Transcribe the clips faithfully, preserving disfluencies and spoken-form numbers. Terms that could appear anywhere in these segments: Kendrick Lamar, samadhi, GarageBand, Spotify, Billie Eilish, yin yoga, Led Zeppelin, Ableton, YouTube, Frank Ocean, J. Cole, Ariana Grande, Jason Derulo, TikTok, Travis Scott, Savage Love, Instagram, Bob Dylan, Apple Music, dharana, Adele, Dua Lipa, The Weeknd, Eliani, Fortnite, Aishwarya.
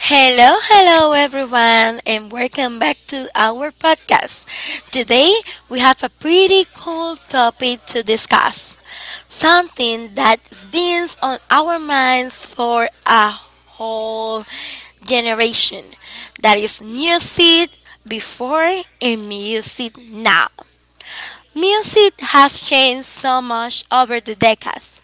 Hello, hello everyone, and welcome back to our podcast. Today we have a pretty cool topic to discuss, something that's been on our minds for a whole generation. That is music before and music now. Music has changed so much over the decades,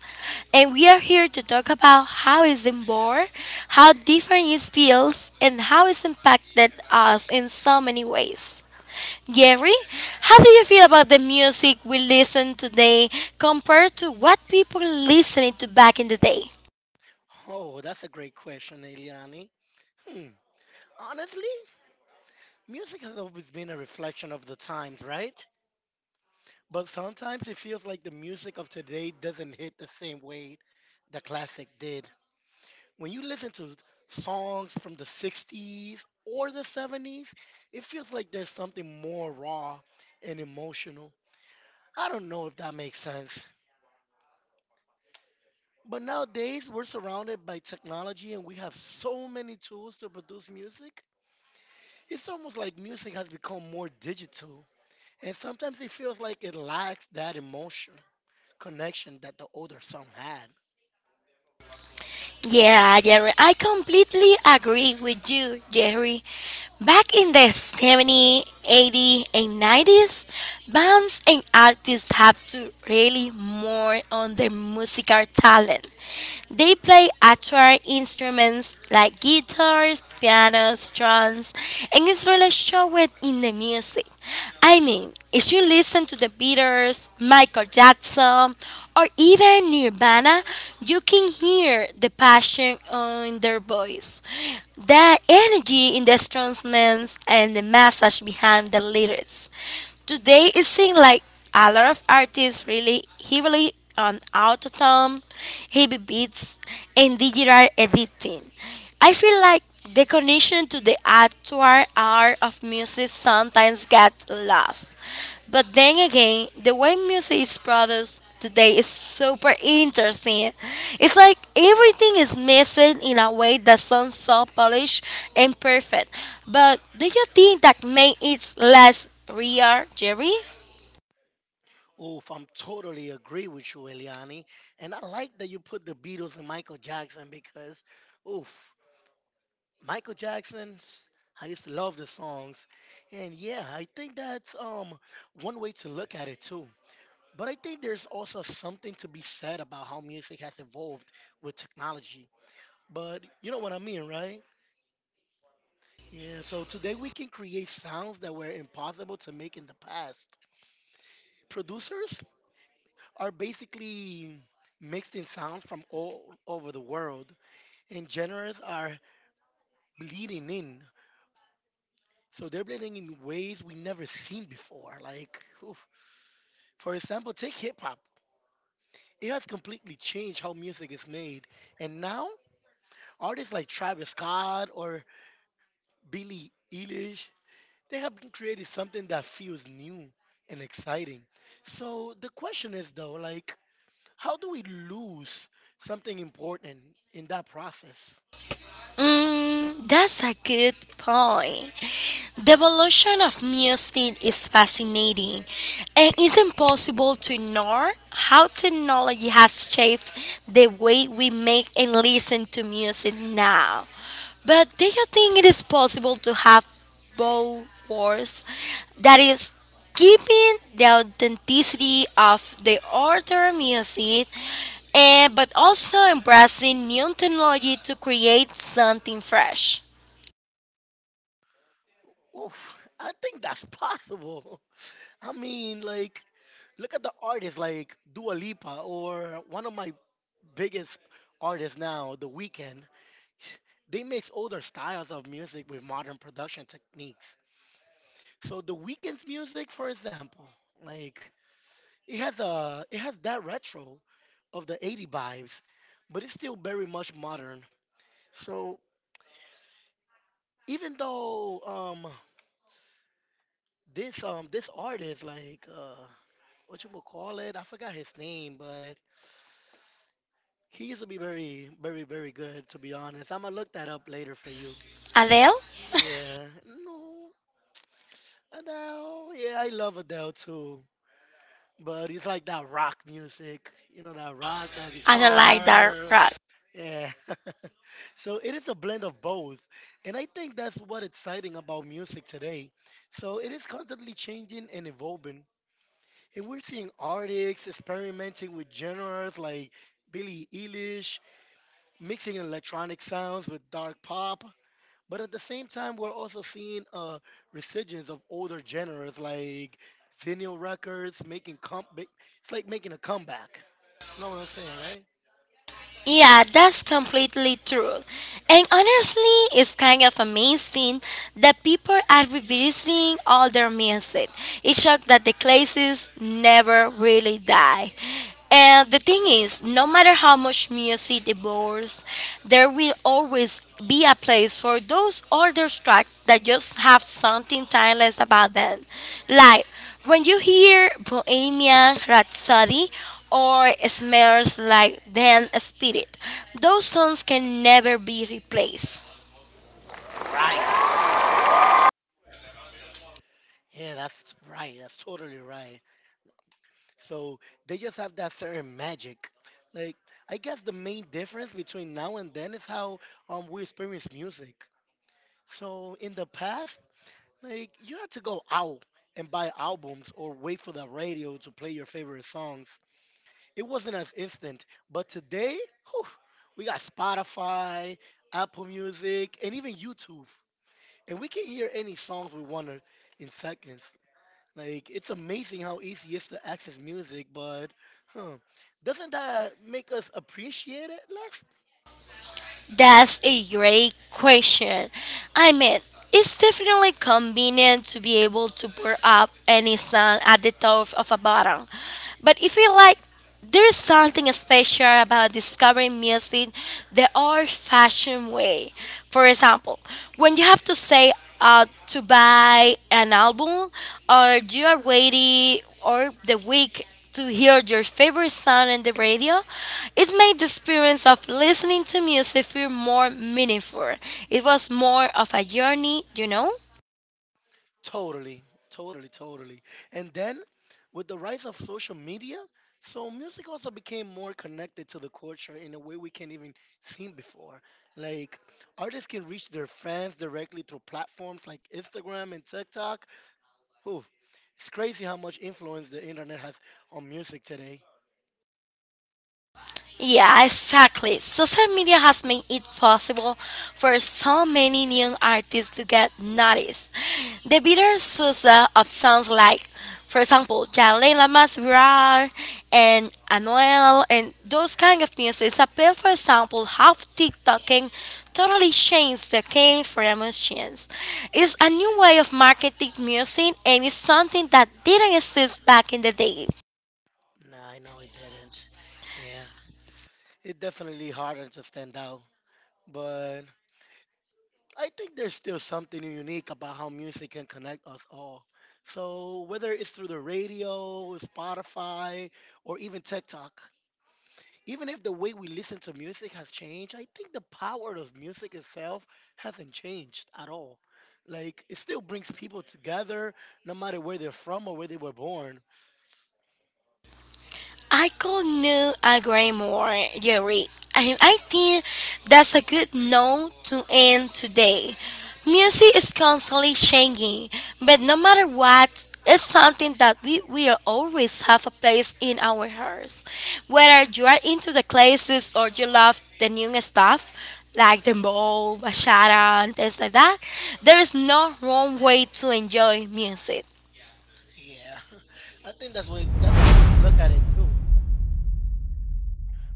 and we are here to talk about how it's born, how different it feels, and how it's impacted us in so many ways. Gary, how do you feel about the music we listen today compared to what people listening to back in the day? Oh, that's a great question, Eliani. Hmm. Honestly, music has always been a reflection of the times, right? But sometimes it feels like the music of today doesn't hit the same way the classic did. When you listen to songs from the sixties or the seventies, it feels like there's something more raw and emotional. I don't know if that makes sense. But nowadays, we're surrounded by technology and we have so many tools to produce music. It's almost like music has become more digital, and sometimes it feels like it lacks that emotion connection that the older song had. Yeah, Jerry, I completely agree with you, Jerry. Back in the seventies, eighties, and nineties, bands and artists have to rely more on their musical talent. They play actual instruments like guitars, pianos, drums, and it's really showed in the music. I mean, if you listen to the Beatles, Michael Jackson, or even Nirvana, you can hear the passion in their voice, the energy in the instruments, and the message behind the lyrics. Today, it seems like a lot of artists really heavily on autotune, heavy beats, and digital editing. I feel like the connection to the actual art of music sometimes gets lost. But then again, the way music is produced today is super interesting. It's like everything is mixed in a way that sounds so polished and perfect. But do you think that makes it less real, Jerry? Oof, I'm totally agree with you, Eliani. And I like that you put the Beatles and Michael Jackson because, oof, Michael Jackson's. I used to love the songs, and yeah, I think that's um one way to look at it too. But I think there's also something to be said about how music has evolved with technology. But you know what I mean, right? Yeah, so today we can create sounds that were impossible to make in the past. Producers are basically mixing sounds from all over the world, and genres are bleeding in. So they're bleeding in ways we never seen before. Like, oof, for example, take hip hop. It has completely changed how music is made, and now artists like Travis Scott or Billie Eilish, they have created something that feels new and exciting. So the question is though, like, how do we lose something important in that process? Mm, that's a good point. The evolution of music is fascinating, and it's impossible to ignore how technology has shaped the way we make and listen to music now. But do you think it is possible to have both worlds? That is, keeping the authenticity of the older music, and but also embracing new technology to create something fresh. Oof, I think that's possible. I mean, like, look at the artists like Dua Lipa or one of my biggest artists now, The Weeknd. They mix older styles of music with modern production techniques. So The Weeknd's music, for example, like, It has a it has that retro of the eighty vibes, but it's still very much modern. So even though um this um this artist like uh what you would call it, I forgot his name, but he used to be very very very good to be honest. I'm gonna look that up later for you. Adele. Yeah, no, Adele. Yeah, I love Adele too, but it's like that rock music, you know that rock, that I don't like that guitar. rock. Yeah. So it is a blend of both. And I think that's what exciting about music today. So it is constantly changing and evolving. And we're seeing artists experimenting with genres like Billie Eilish, mixing electronic sounds with dark pop. But at the same time, we're also seeing a resurgence of older genres like vinyl records making com- ma- it's like making a comeback. You know what I'm saying, right? Yeah, that's completely true. And honestly, it's kind of amazing that people are revisiting all their music. It's shows that the classics never really die. And the thing is, no matter how much music evolves, there will always be a place for those older tracks that just have something timeless about them. Like, when you hear Bohemian Rhapsody or Smells Like Teen Spirit, those songs can never be replaced. Right. Yeah, that's right. That's totally right. So they just have that certain magic. Like, I guess the main difference between now and then is how um we experience music. So in the past, like, you had to go out and buy albums or wait for the radio to play your favorite songs. It wasn't as instant. But today, whew, we got Spotify, Apple Music, and even YouTube. And we can hear any songs we want in seconds. Like, it's amazing how easy it is to access music, but huh, doesn't that make us appreciate it less? That's a great question. I mean, it's definitely convenient to be able to pour up any song at the top of a bottle. But if you like, there's something special about discovering music the old fashioned way. For example, when you have to say uh, to buy an album or you are waiting or the week to hear your favorite song on the radio, it made the experience of listening to music feel more meaningful. It was more of a journey, you know? Totally, totally, totally. And then with the rise of social media, so music also became more connected to the culture in a way we can't even seen before. Like, artists can reach their fans directly through platforms like Instagram and TikTok. Whew, it's crazy how much influence the internet has on music today. Yeah, exactly. Social media has made it possible for so many new artists to get noticed. The bitter Sousa of songs like, for example, Jalen Lamas Viral and Anuel and those kind of music appeal, for example, how TikTok can totally change the game for musicians. It's a new way of marketing music and it's something that didn't exist back in the day. Nah, I know it didn't. Yeah. It definitely harder to stand out, but I think there's still something unique about how music can connect us all. So whether it's through the radio, Spotify, or even TikTok, even if the way we listen to music has changed, I think the power of music itself hasn't changed at all. Like, it still brings people together, no matter where they're from or where they were born. I could not agree more, Jerry. And I think that's a good note to end today. Music is constantly changing, but no matter what, it's something that we will always have a place in our hearts. Whether you are into the classics or you love the new stuff, like dembow, bachata, and things like that, there is no wrong way to enjoy music. Yeah, I think that's what that's one way to look at it too.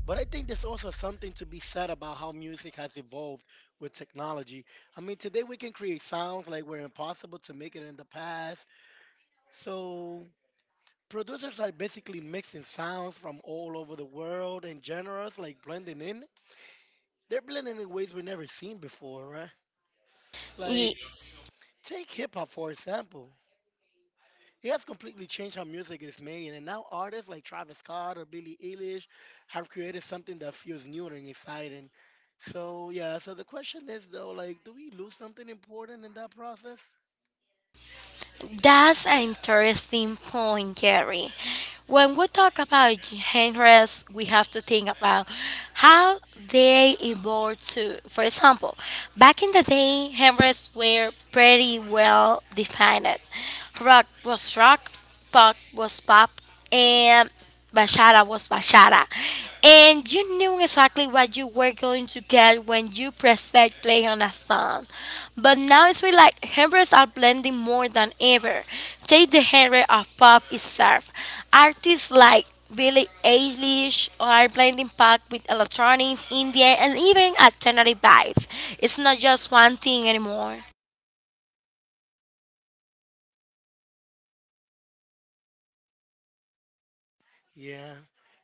But I think there's also something to be said about how music has evolved with technology. I mean, today we can create sounds like were impossible to make it in the past. So producers are basically mixing sounds from all over the world and genres, like blending in. They're blending in ways we have never seen before, right? Like, take hip hop for example. It has completely changed how music is made, and now artists like Travis Scott or Billie Eilish have created something that feels new and exciting. So yeah, so the question is though, like, do we lose something important in that process? That's an interesting point, Jerry. When we talk about genres, we have to think about how they evolved too. For example, back in the day, genres were pretty well defined. Rock was rock, pop was pop, and Bashara was Bashara. And you knew exactly what you were going to get when you pressed that play on a song. But now it's really like genres are blending more than ever. Take the genre of pop itself. Artists like Billie Eilish are blending pop with electronic, indie, and even alternative vibes. It's not just one thing anymore. Yeah,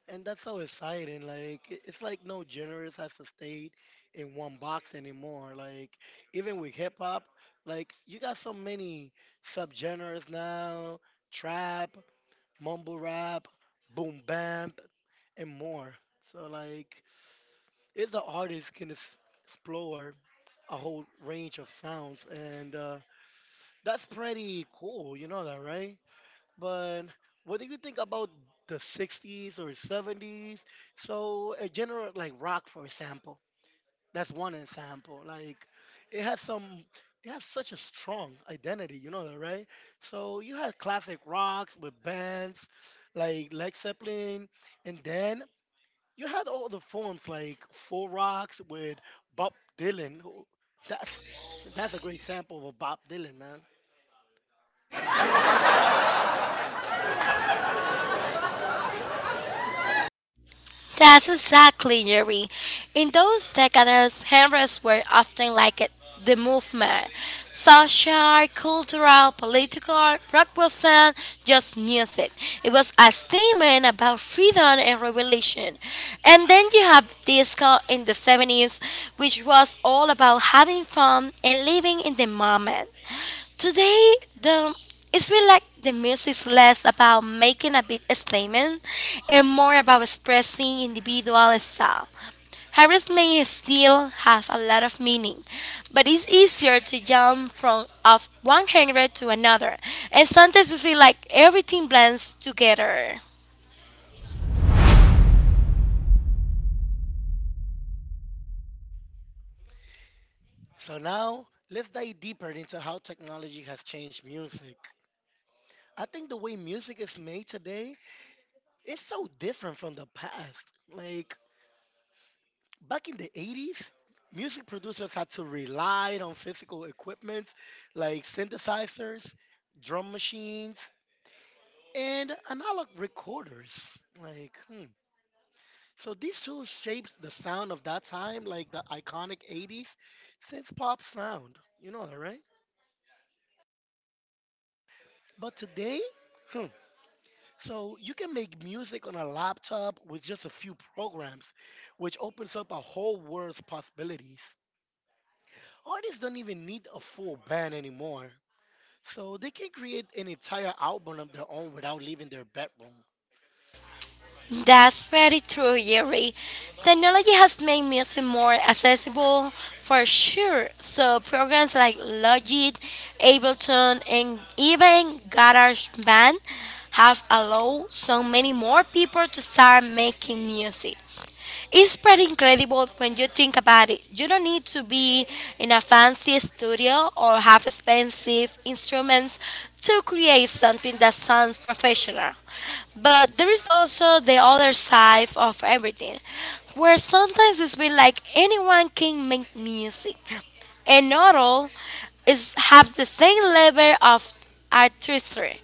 and that's so exciting. Like, i- it's like no genres has to stay in one box anymore. Like, even with hip hop, like you got so many subgenres now, trap, mumble rap, boom bap, and more. So like, it's the artist can es- explore a whole range of sounds, and uh, that's pretty cool. You know that, right? But what do you think about the sixties or seventies? So a general like rock, for example. That's one example. Like, it has some it has such a strong identity, you know that, right? So you had classic rocks with bands like Led Zeppelin, and then you had all the forms like full Rocks with Bob Dylan. who- That's that's a great sample of Bob Dylan, man. That's exactly Yuri. In those decades, genres were often like it- the movement social, cultural, political, rock wasn't just music. It was a statement about freedom and revelation. And then you have disco in the seventies, which was all about having fun and living in the moment. Today, the it's feel like the music's less about making a big statement and more about expressing individual style. Harris may still have a lot of meaning, but it's easier to jump from of one genre to another, and sometimes it feel like everything blends together. So now let's dive deeper into how technology has changed music. I think the way music is made today is so different from the past. Like, back in the eighties, music producers had to rely on physical equipment like synthesizers, drum machines, and analog recorders. Like, hmm. So these tools shaped the sound of that time, like the iconic eighties synth pop sound. You know that, right? But today, hmm, so you can make music on a laptop with just a few programs, which opens up a whole world's possibilities. Artists don't even need a full band anymore. So they can create an entire album of their own without leaving their bedroom. That's very true, Yuri. Technology has made music more accessible for sure. So programs like Logic, Ableton, and even GarageBand have allowed so many more people to start making music. It's pretty incredible when you think about it. You don't need to be in a fancy studio or have expensive instruments to create something that sounds professional. But there is also the other side of everything, where sometimes it's been like anyone can make music. A noodle is has the same level of artistry.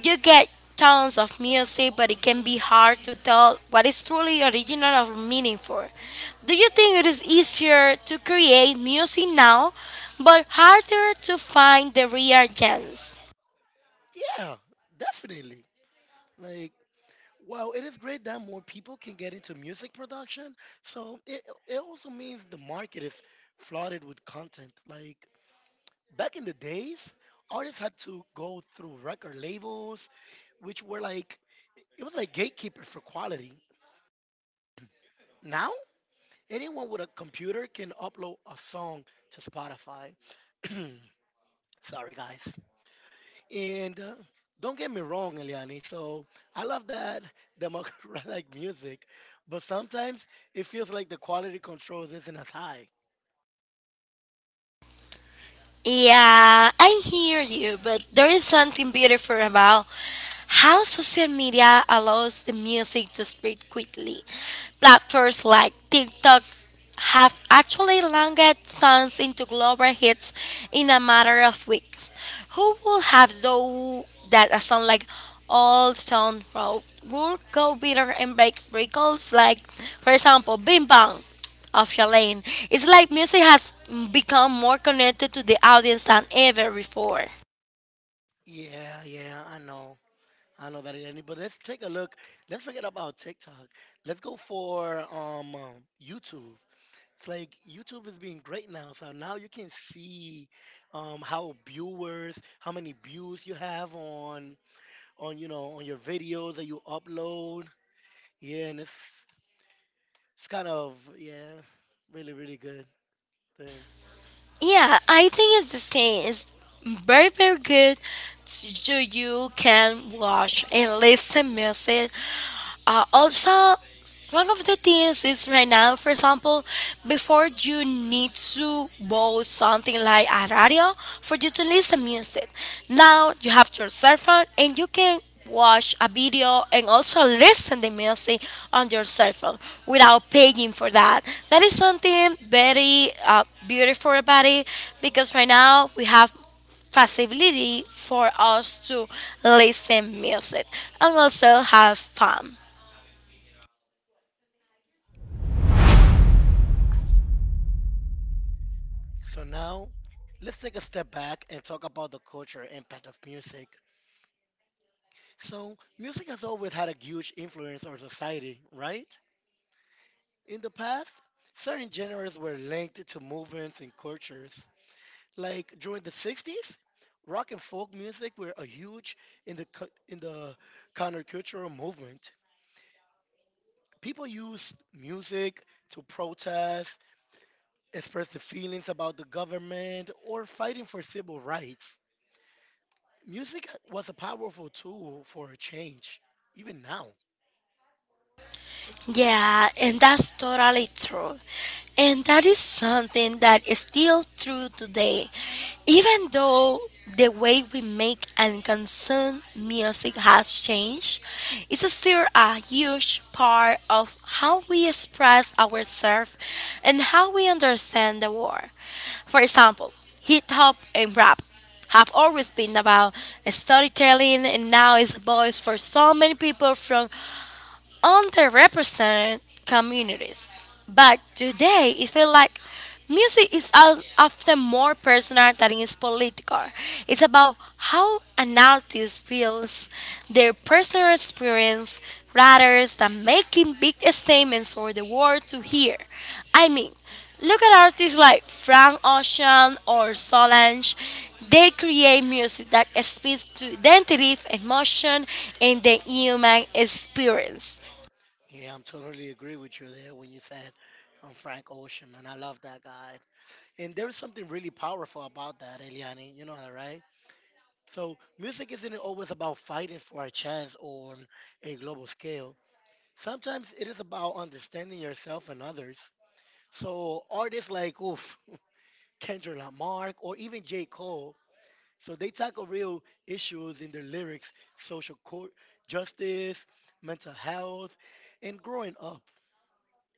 You get tons of music, but it can be hard to tell what is truly original or meaningful. Do you think it is easier to create music now, but harder to find the real gems? Yeah, definitely. Like, well, it is great that more people can get into music production. So it, it also means the market is flooded with content. Like, back in the days, artists had to go through record labels, which were like, it was like gatekeeper for quality. Now, anyone with a computer can upload a song to Spotify. Sorry, guys. And uh, don't get me wrong, Eliani. So I love that democratic music, but sometimes it feels like the quality control isn't as high. Yeah, I hear you, but there is something beautiful about how social media allows the music to spread quickly. Platforms like TikTok have actually launched songs into global hits in a matter of weeks. Who would have thought that a song like Old Stone Road would go viral and break records like, for example, Bing Bang? Of your lane. It's like music has become more connected to the audience than ever before. Yeah, yeah, I know. I know that, Eliani. But let's take a look. Let's forget about TikTok. Let's go for um, um, YouTube. It's like YouTube is being great now. So now you can see um, how viewers, how many views you have on on you know on your videos that you upload. Yeah, and it's it's kind of, yeah, really, really good thing. Yeah, I think it's the same. It's very, very good. So you can watch and listen music. Uh, also, one of the things is right now, for example, before you need to buy something like a radio for you to listen music. Now you have your cell phone and you can watch a video and also listen the music on your cell phone without paying for that. That is something very uh, beautiful about it because right now we have facility for us to listen music and also have fun. So now let's take a step back and talk about the cultural impact of music. So music has always had a huge influence on society, right? In the past, certain genres were linked to movements and cultures. Like during the sixties, rock and folk music were a huge in the co- in the countercultural movement. People used music to protest expressing feelings about the government, or fighting for civil rights. Music was a powerful tool for a change, even now. Yeah, and that's totally true. And that is something that is still true today. Even though the way we make and consume music has changed, it's still a huge part of how we express ourselves and how we understand the world. For example, hip hop and rap have always been about storytelling and now it's a voice for so many people from underrepresented communities. But today, it feels like music is al- often more personal than it's political. It's about how an artist feels their personal experience rather than making big statements for the world to hear. I mean, look at artists like Frank Ocean or Solange. They create music that speaks to identity, emotion, and the human experience. Yeah, I'm totally agree with you there when you said um, Frank Ocean, man. I love that guy. And there's something really powerful about that, Eliani. You know that, right? So music isn't always about fighting for a chance on a global scale. Sometimes it is about understanding yourself and others. So artists like oof, Kendrick Lamar, or even J. Cole, so they tackle real issues in their lyrics social court, justice, mental health, and growing up.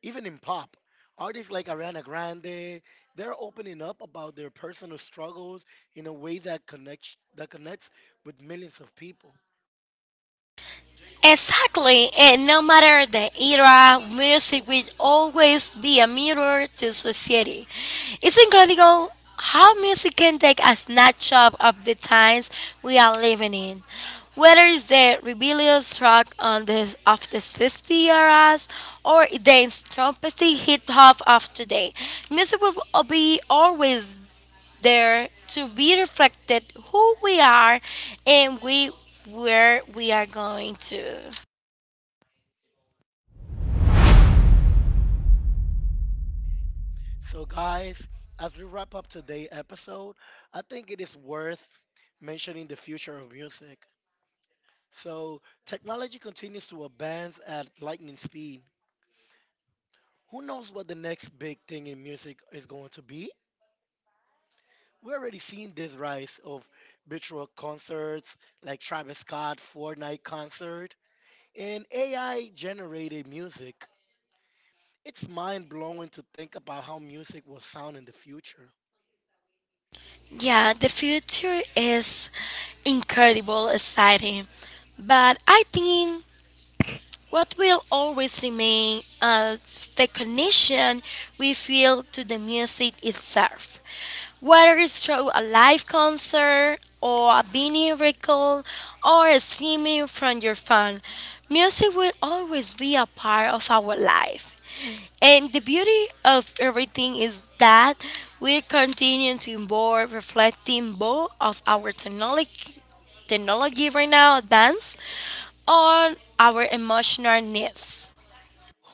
Even in pop, artists like Ariana Grande, they're opening up about their personal struggles in a way that connects, that connects with millions of people. Exactly, and no matter the era, music will always be a mirror to society. It's incredible how music can take a snapshot of the times we are living in. Whether it's the rebellious rock on the, of the sixties eras or the trumpety hip hop of today, music will be always there to be reflected who we are and we where we are going to. So, guys, as we wrap up today's episode, I think it is worth mentioning the future of music. So, technology continues to advance at lightning speed. Who knows what the next big thing in music is going to be? We're already seeing this rise of virtual concerts like Travis Scott Fortnite concert and A I generated music. It's mind blowing to think about how music will sound in the future. Yeah, the future is incredible, exciting, but I think what will always remain as the connection we feel to the music itself. Whether it's through a live concert or a vinyl record or streaming from your phone, music will always be a part of our life. And the beauty of everything is that we continue to evolve, reflecting both of our technology technology right now advance on our emotional needs.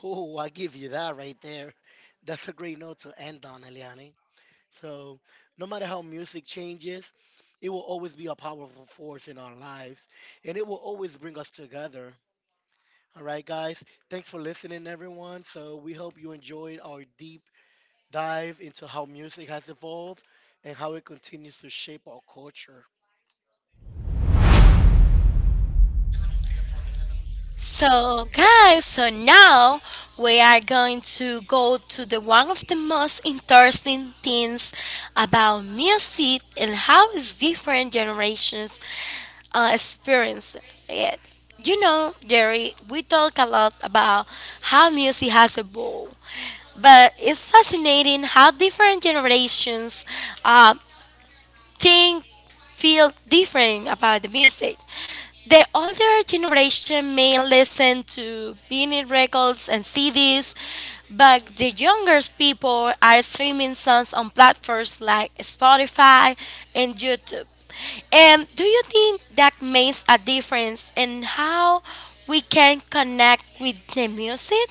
Oh, I give you that right there. That's a great note to end on, Eliane. So, no matter how music changes, it will always be a powerful force in our lives and it will always bring us together. All right, guys. Thanks for listening, everyone. So we hope you enjoyed our deep dive into how music has evolved and how it continues to shape our culture. So, guys, so now we are going to go to the one of the most interesting things about music and how is different generations uh, experience it. You know, Jerry, we talk a lot about how music has evolved, but it's fascinating how different generations uh, think feel different about the music. The older generation may listen to vinyl records and C Ds, but the younger people are streaming songs on platforms like Spotify and YouTube. And do you think that makes a difference in how we can connect with the music?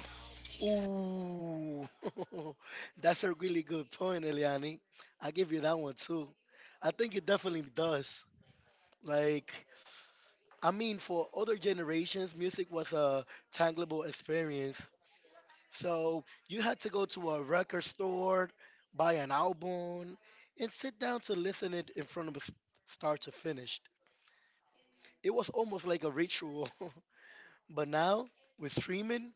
Ooh, that's a really good point, Eliani. I give you that one too. I think it definitely does. Like, I mean, for other generations, music was a tangible experience. So you had to go to a record store, buy an album, and sit down to listen it in front of us start to finish. It was almost like a ritual. But now with streaming,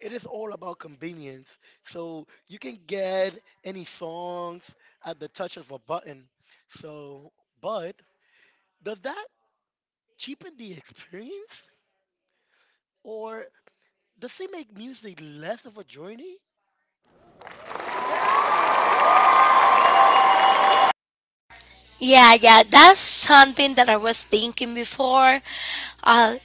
it is all about convenience. So you can get any songs at the touch of a button. So, but does that cheapen the experience? Or does it make music less of a journey? Yeah, yeah, that's something that I was thinking before. Uh,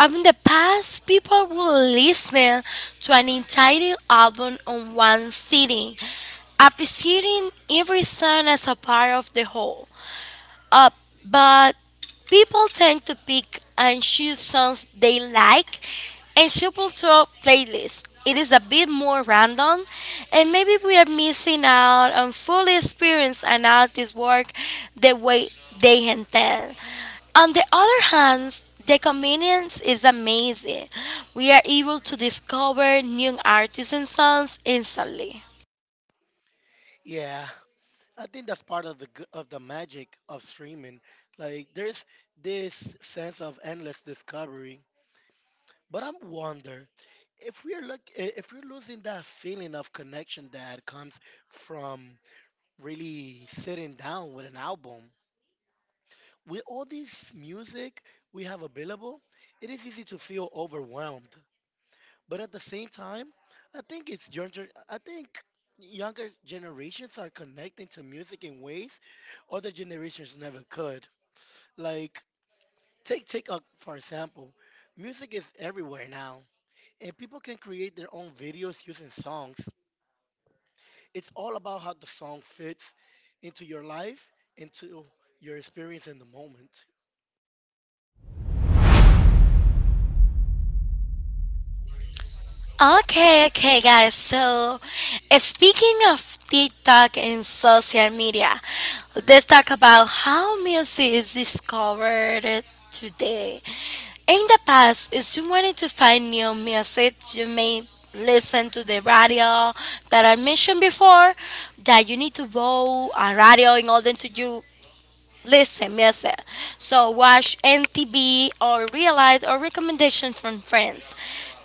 Um, in the past, people would listen to an entire album on one sitting, appreciating every song as a part of the whole up, but people tend to pick and choose songs they like and shuffle to playlists. It is a bit more random, and maybe we are missing out on fully experience an artist's work the way they intend. On the other hand, the convenience is amazing. We are able to discover new artists and songs instantly. Yeah, I think that's part of the g- of the magic of streaming. Like there's this sense of endless discovery. But I'm wonder if we're look i- if we're losing that feeling of connection that comes from really sitting down with an album. With all this music we have available, it is easy to feel overwhelmed. But at the same time, I think it's younger. I think younger generations are connecting to music in ways other generations never could. Like take TikTok for example. Music is everywhere now, and people can create their own videos using songs. It's all about how the song fits into your life, into your experience in the moment. Okay, okay, guys. So, eh, speaking of TikTok and social media, let's talk about how music is discovered today. In the past, if you wanted to find new music, you may listen to the radio that I mentioned before, that you need to go a radio in order to you listen, miss So watch N T B or realize or recommendations from friends.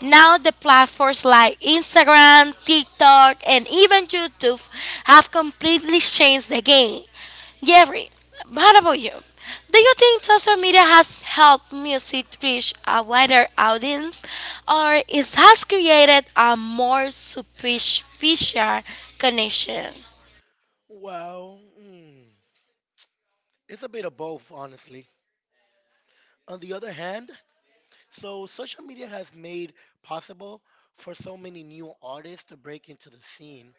Now the platforms like Instagram, TikTok, and even YouTube have completely changed the game. Jerry, what about you? Do you think social media has helped music reach a wider audience, or it has created a more superficial connection? Well, mm, it's a bit of both, honestly. On the other hand, so social media has made possible for so many new artists to break into the scene.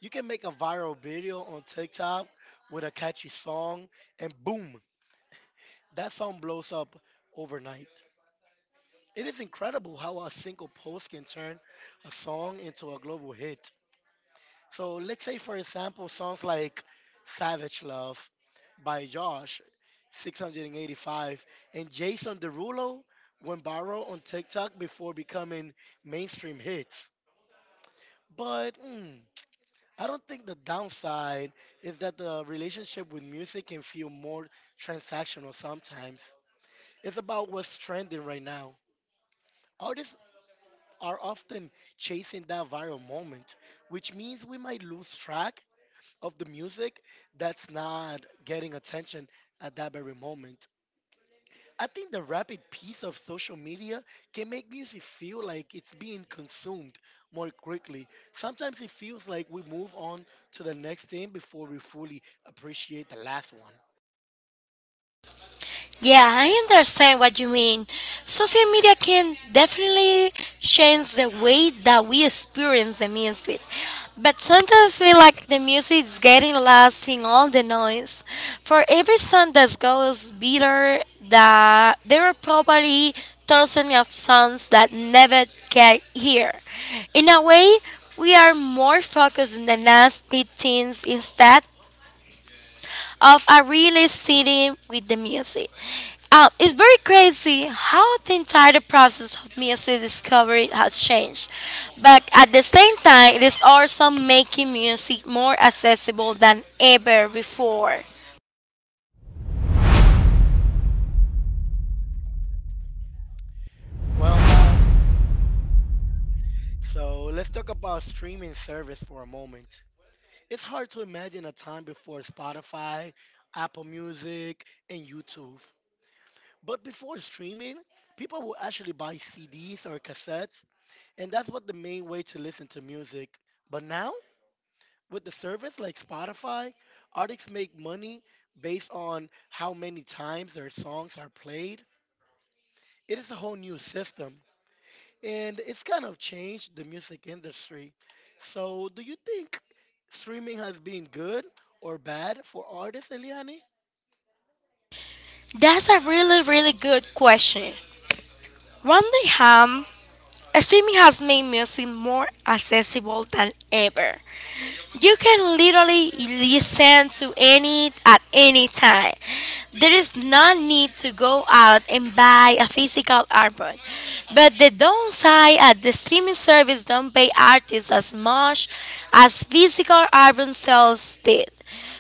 You can make a viral video on TikTok with a catchy song, and boom, that phone blows up overnight. It is incredible how a single post can turn a song into a global hit. So let's say, for example, songs like Savage Love by Josh, six eighty-five, and Jason Derulo went viral on TikTok before becoming mainstream hits. But mm, I don't think the downside is that the relationship with music can feel more transactional sometimes. It's about what's trending right now. Artists are often chasing that viral moment, which means we might lose track of the music that's not getting attention at that very moment. I think the rapid pace of social media can make music feel like it's being consumed more quickly. Sometimes it feels like we move on to the next thing before we fully appreciate the last one. Yeah, I understand what you mean. Social media can definitely change the way that we experience the music. But sometimes we like the music is getting lost in all the noise. For every song that goes bitter, that there are probably thousands of songs that never get here. In a way, we are more focused on the last big things instead of a really sitting with the music. Um, it's very crazy how the entire process of music discovery has changed, but at the same time, it is also making music more accessible than ever before. Well, guys, so let's talk about streaming service for a moment. It's hard to imagine a time before Spotify, Apple Music, and YouTube. But before streaming, people would actually buy C Ds or cassettes, and that's what the main way to listen to music. But now, with the service like Spotify, artists make money based on how many times their songs are played. It is a whole new system, and it's kind of changed the music industry. So, do you think streaming has been good or bad for artists, Eliani? That's a really, really good question. One day, ham, streaming has made music more accessible than ever. You can literally listen to any at any time. There is no need to go out and buy a physical album. But the downside at the streaming service don't pay artists as much as physical album sales did.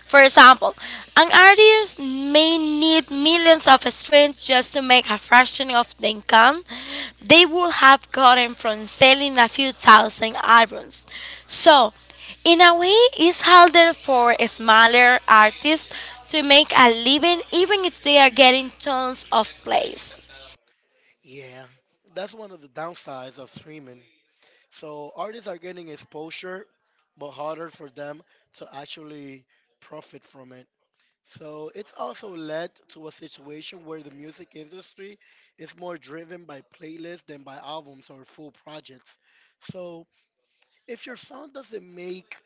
For example, an artist may need millions of strings just to make a fraction of the income they would have gotten from selling a few thousand albums. So, in a way, it's harder for smaller artists to make a living even if they are getting tons of plays. Yeah, that's one of the downsides of streaming. So, artists are getting exposure, but harder for them to actually profit from it. So, it's also led to a situation where the music industry is more driven by playlists than by albums or full projects. So, if your song doesn't make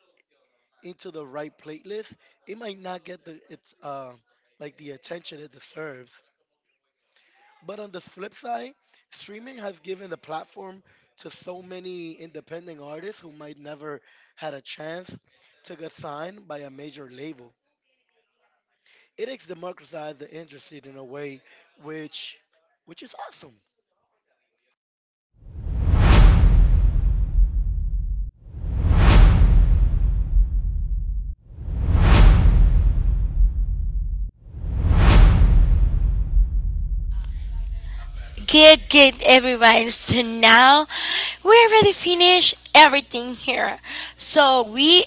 into the right playlist, it might not get the its uh, like the attention it deserves. But on the flip side, streaming has given the platform to so many independent artists who might never had a chance to get signed by a major label. It has democratized the industry in a way which which is awesome. Good, good, everybody. So now we already finished everything here. So we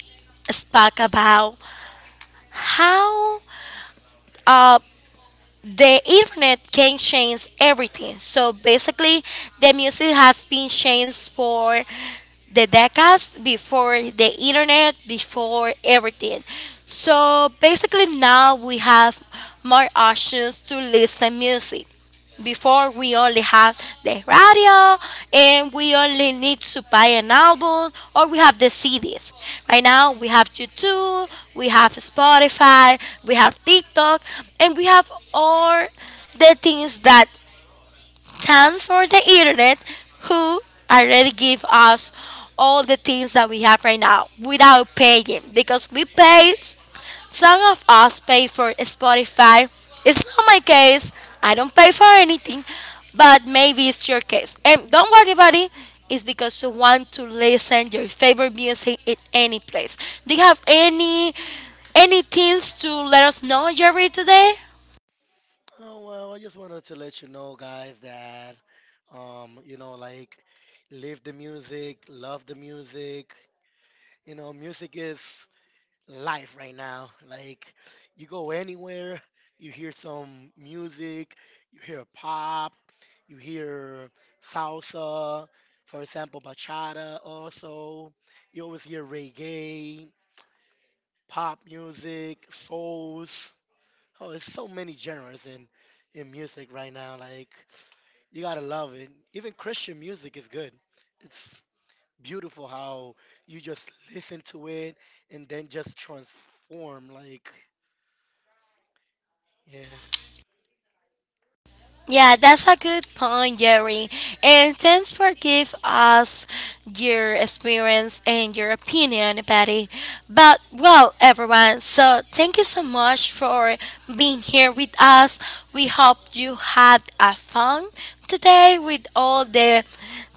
spoke about how uh, the internet can change everything. So basically, the music has been changed for the decades before the internet, before everything. So basically, now we have more options to listen music. Before we only have the radio and we only need to buy an album or we have the C Ds. Right now we have YouTube, we have Spotify, we have TikTok and we have all the things that thanks for the internet who already give us all the things that we have right now without paying because we pay, some of us pay for Spotify. It's not my case, I don't pay for anything, but maybe it's your case and don't worry about it. It's because you want to listen your favorite music in any place. Do you have any any things to let us know, Jerry, today? Oh well, I just wanted to let you know, guys, that um, you know, like, live the music, love the music. You know, music is life right now. Like you go anywhere, you hear some music, you hear pop, you hear salsa, for example, bachata also. You always hear reggae, pop music, souls. Oh, there's so many genres in in music right now. Like you gotta love it. Even Christian music is good. It's beautiful how you just listen to it and then just transform like. Yeah, Yeah, that's a good point, Jerry. And thanks for give us your experience and your opinion, Patty. But well, everyone, so thank you so much for being here with us. We hope you had a fun today with all the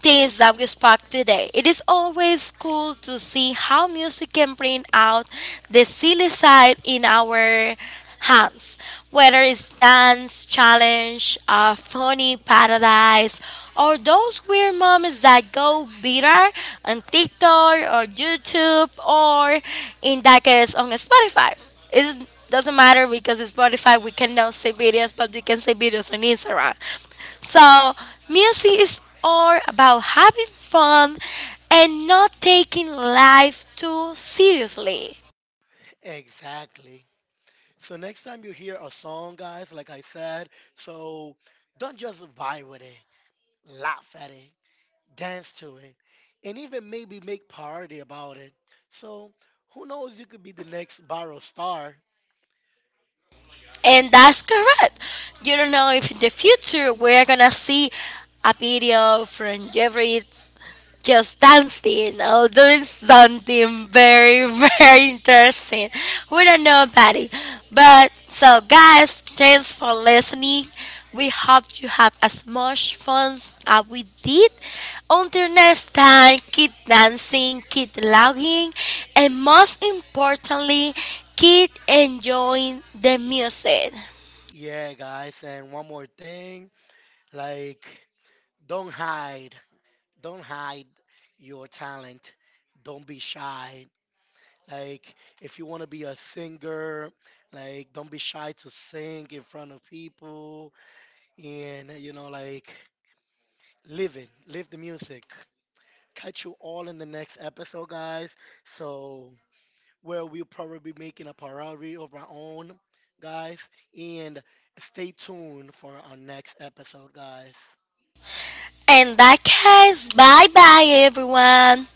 things that we spoke today. It is always cool to see how music can bring out the silly side in our hands. Whether it's dance challenge, a funny paradise, or those weird moments that go viral on TikTok or YouTube or in that case on Spotify. It doesn't matter because in Spotify we cannot see videos, but we can see videos on Instagram. So music is all about having fun and not taking life too seriously. exactly. So next time you hear a song, guys, like I said, so don't just vibe with it, laugh at it, dance to it, and even maybe make parody about it. So who knows, you could be the next viral star. And that's correct. You don't know if in the future we're gonna see a video from Jeffrey just dancing or doing something very, very interesting. We don't know about it. But so, guys, thanks for listening. We hope you have as much fun as we did. Until next time, keep dancing, keep logging, and most importantly, keep enjoying the music. Yeah, guys, and one more thing, like don't hide, don't hide your talent. Don't be shy. Like, if you want to be a singer, like, don't be shy to sing in front of people and, you know, like, live it, live the music. Catch you all in the next episode, guys. So, where we'll probably be making a parody of our own, guys. And stay tuned for our next episode, guys. In that case, bye bye everyone.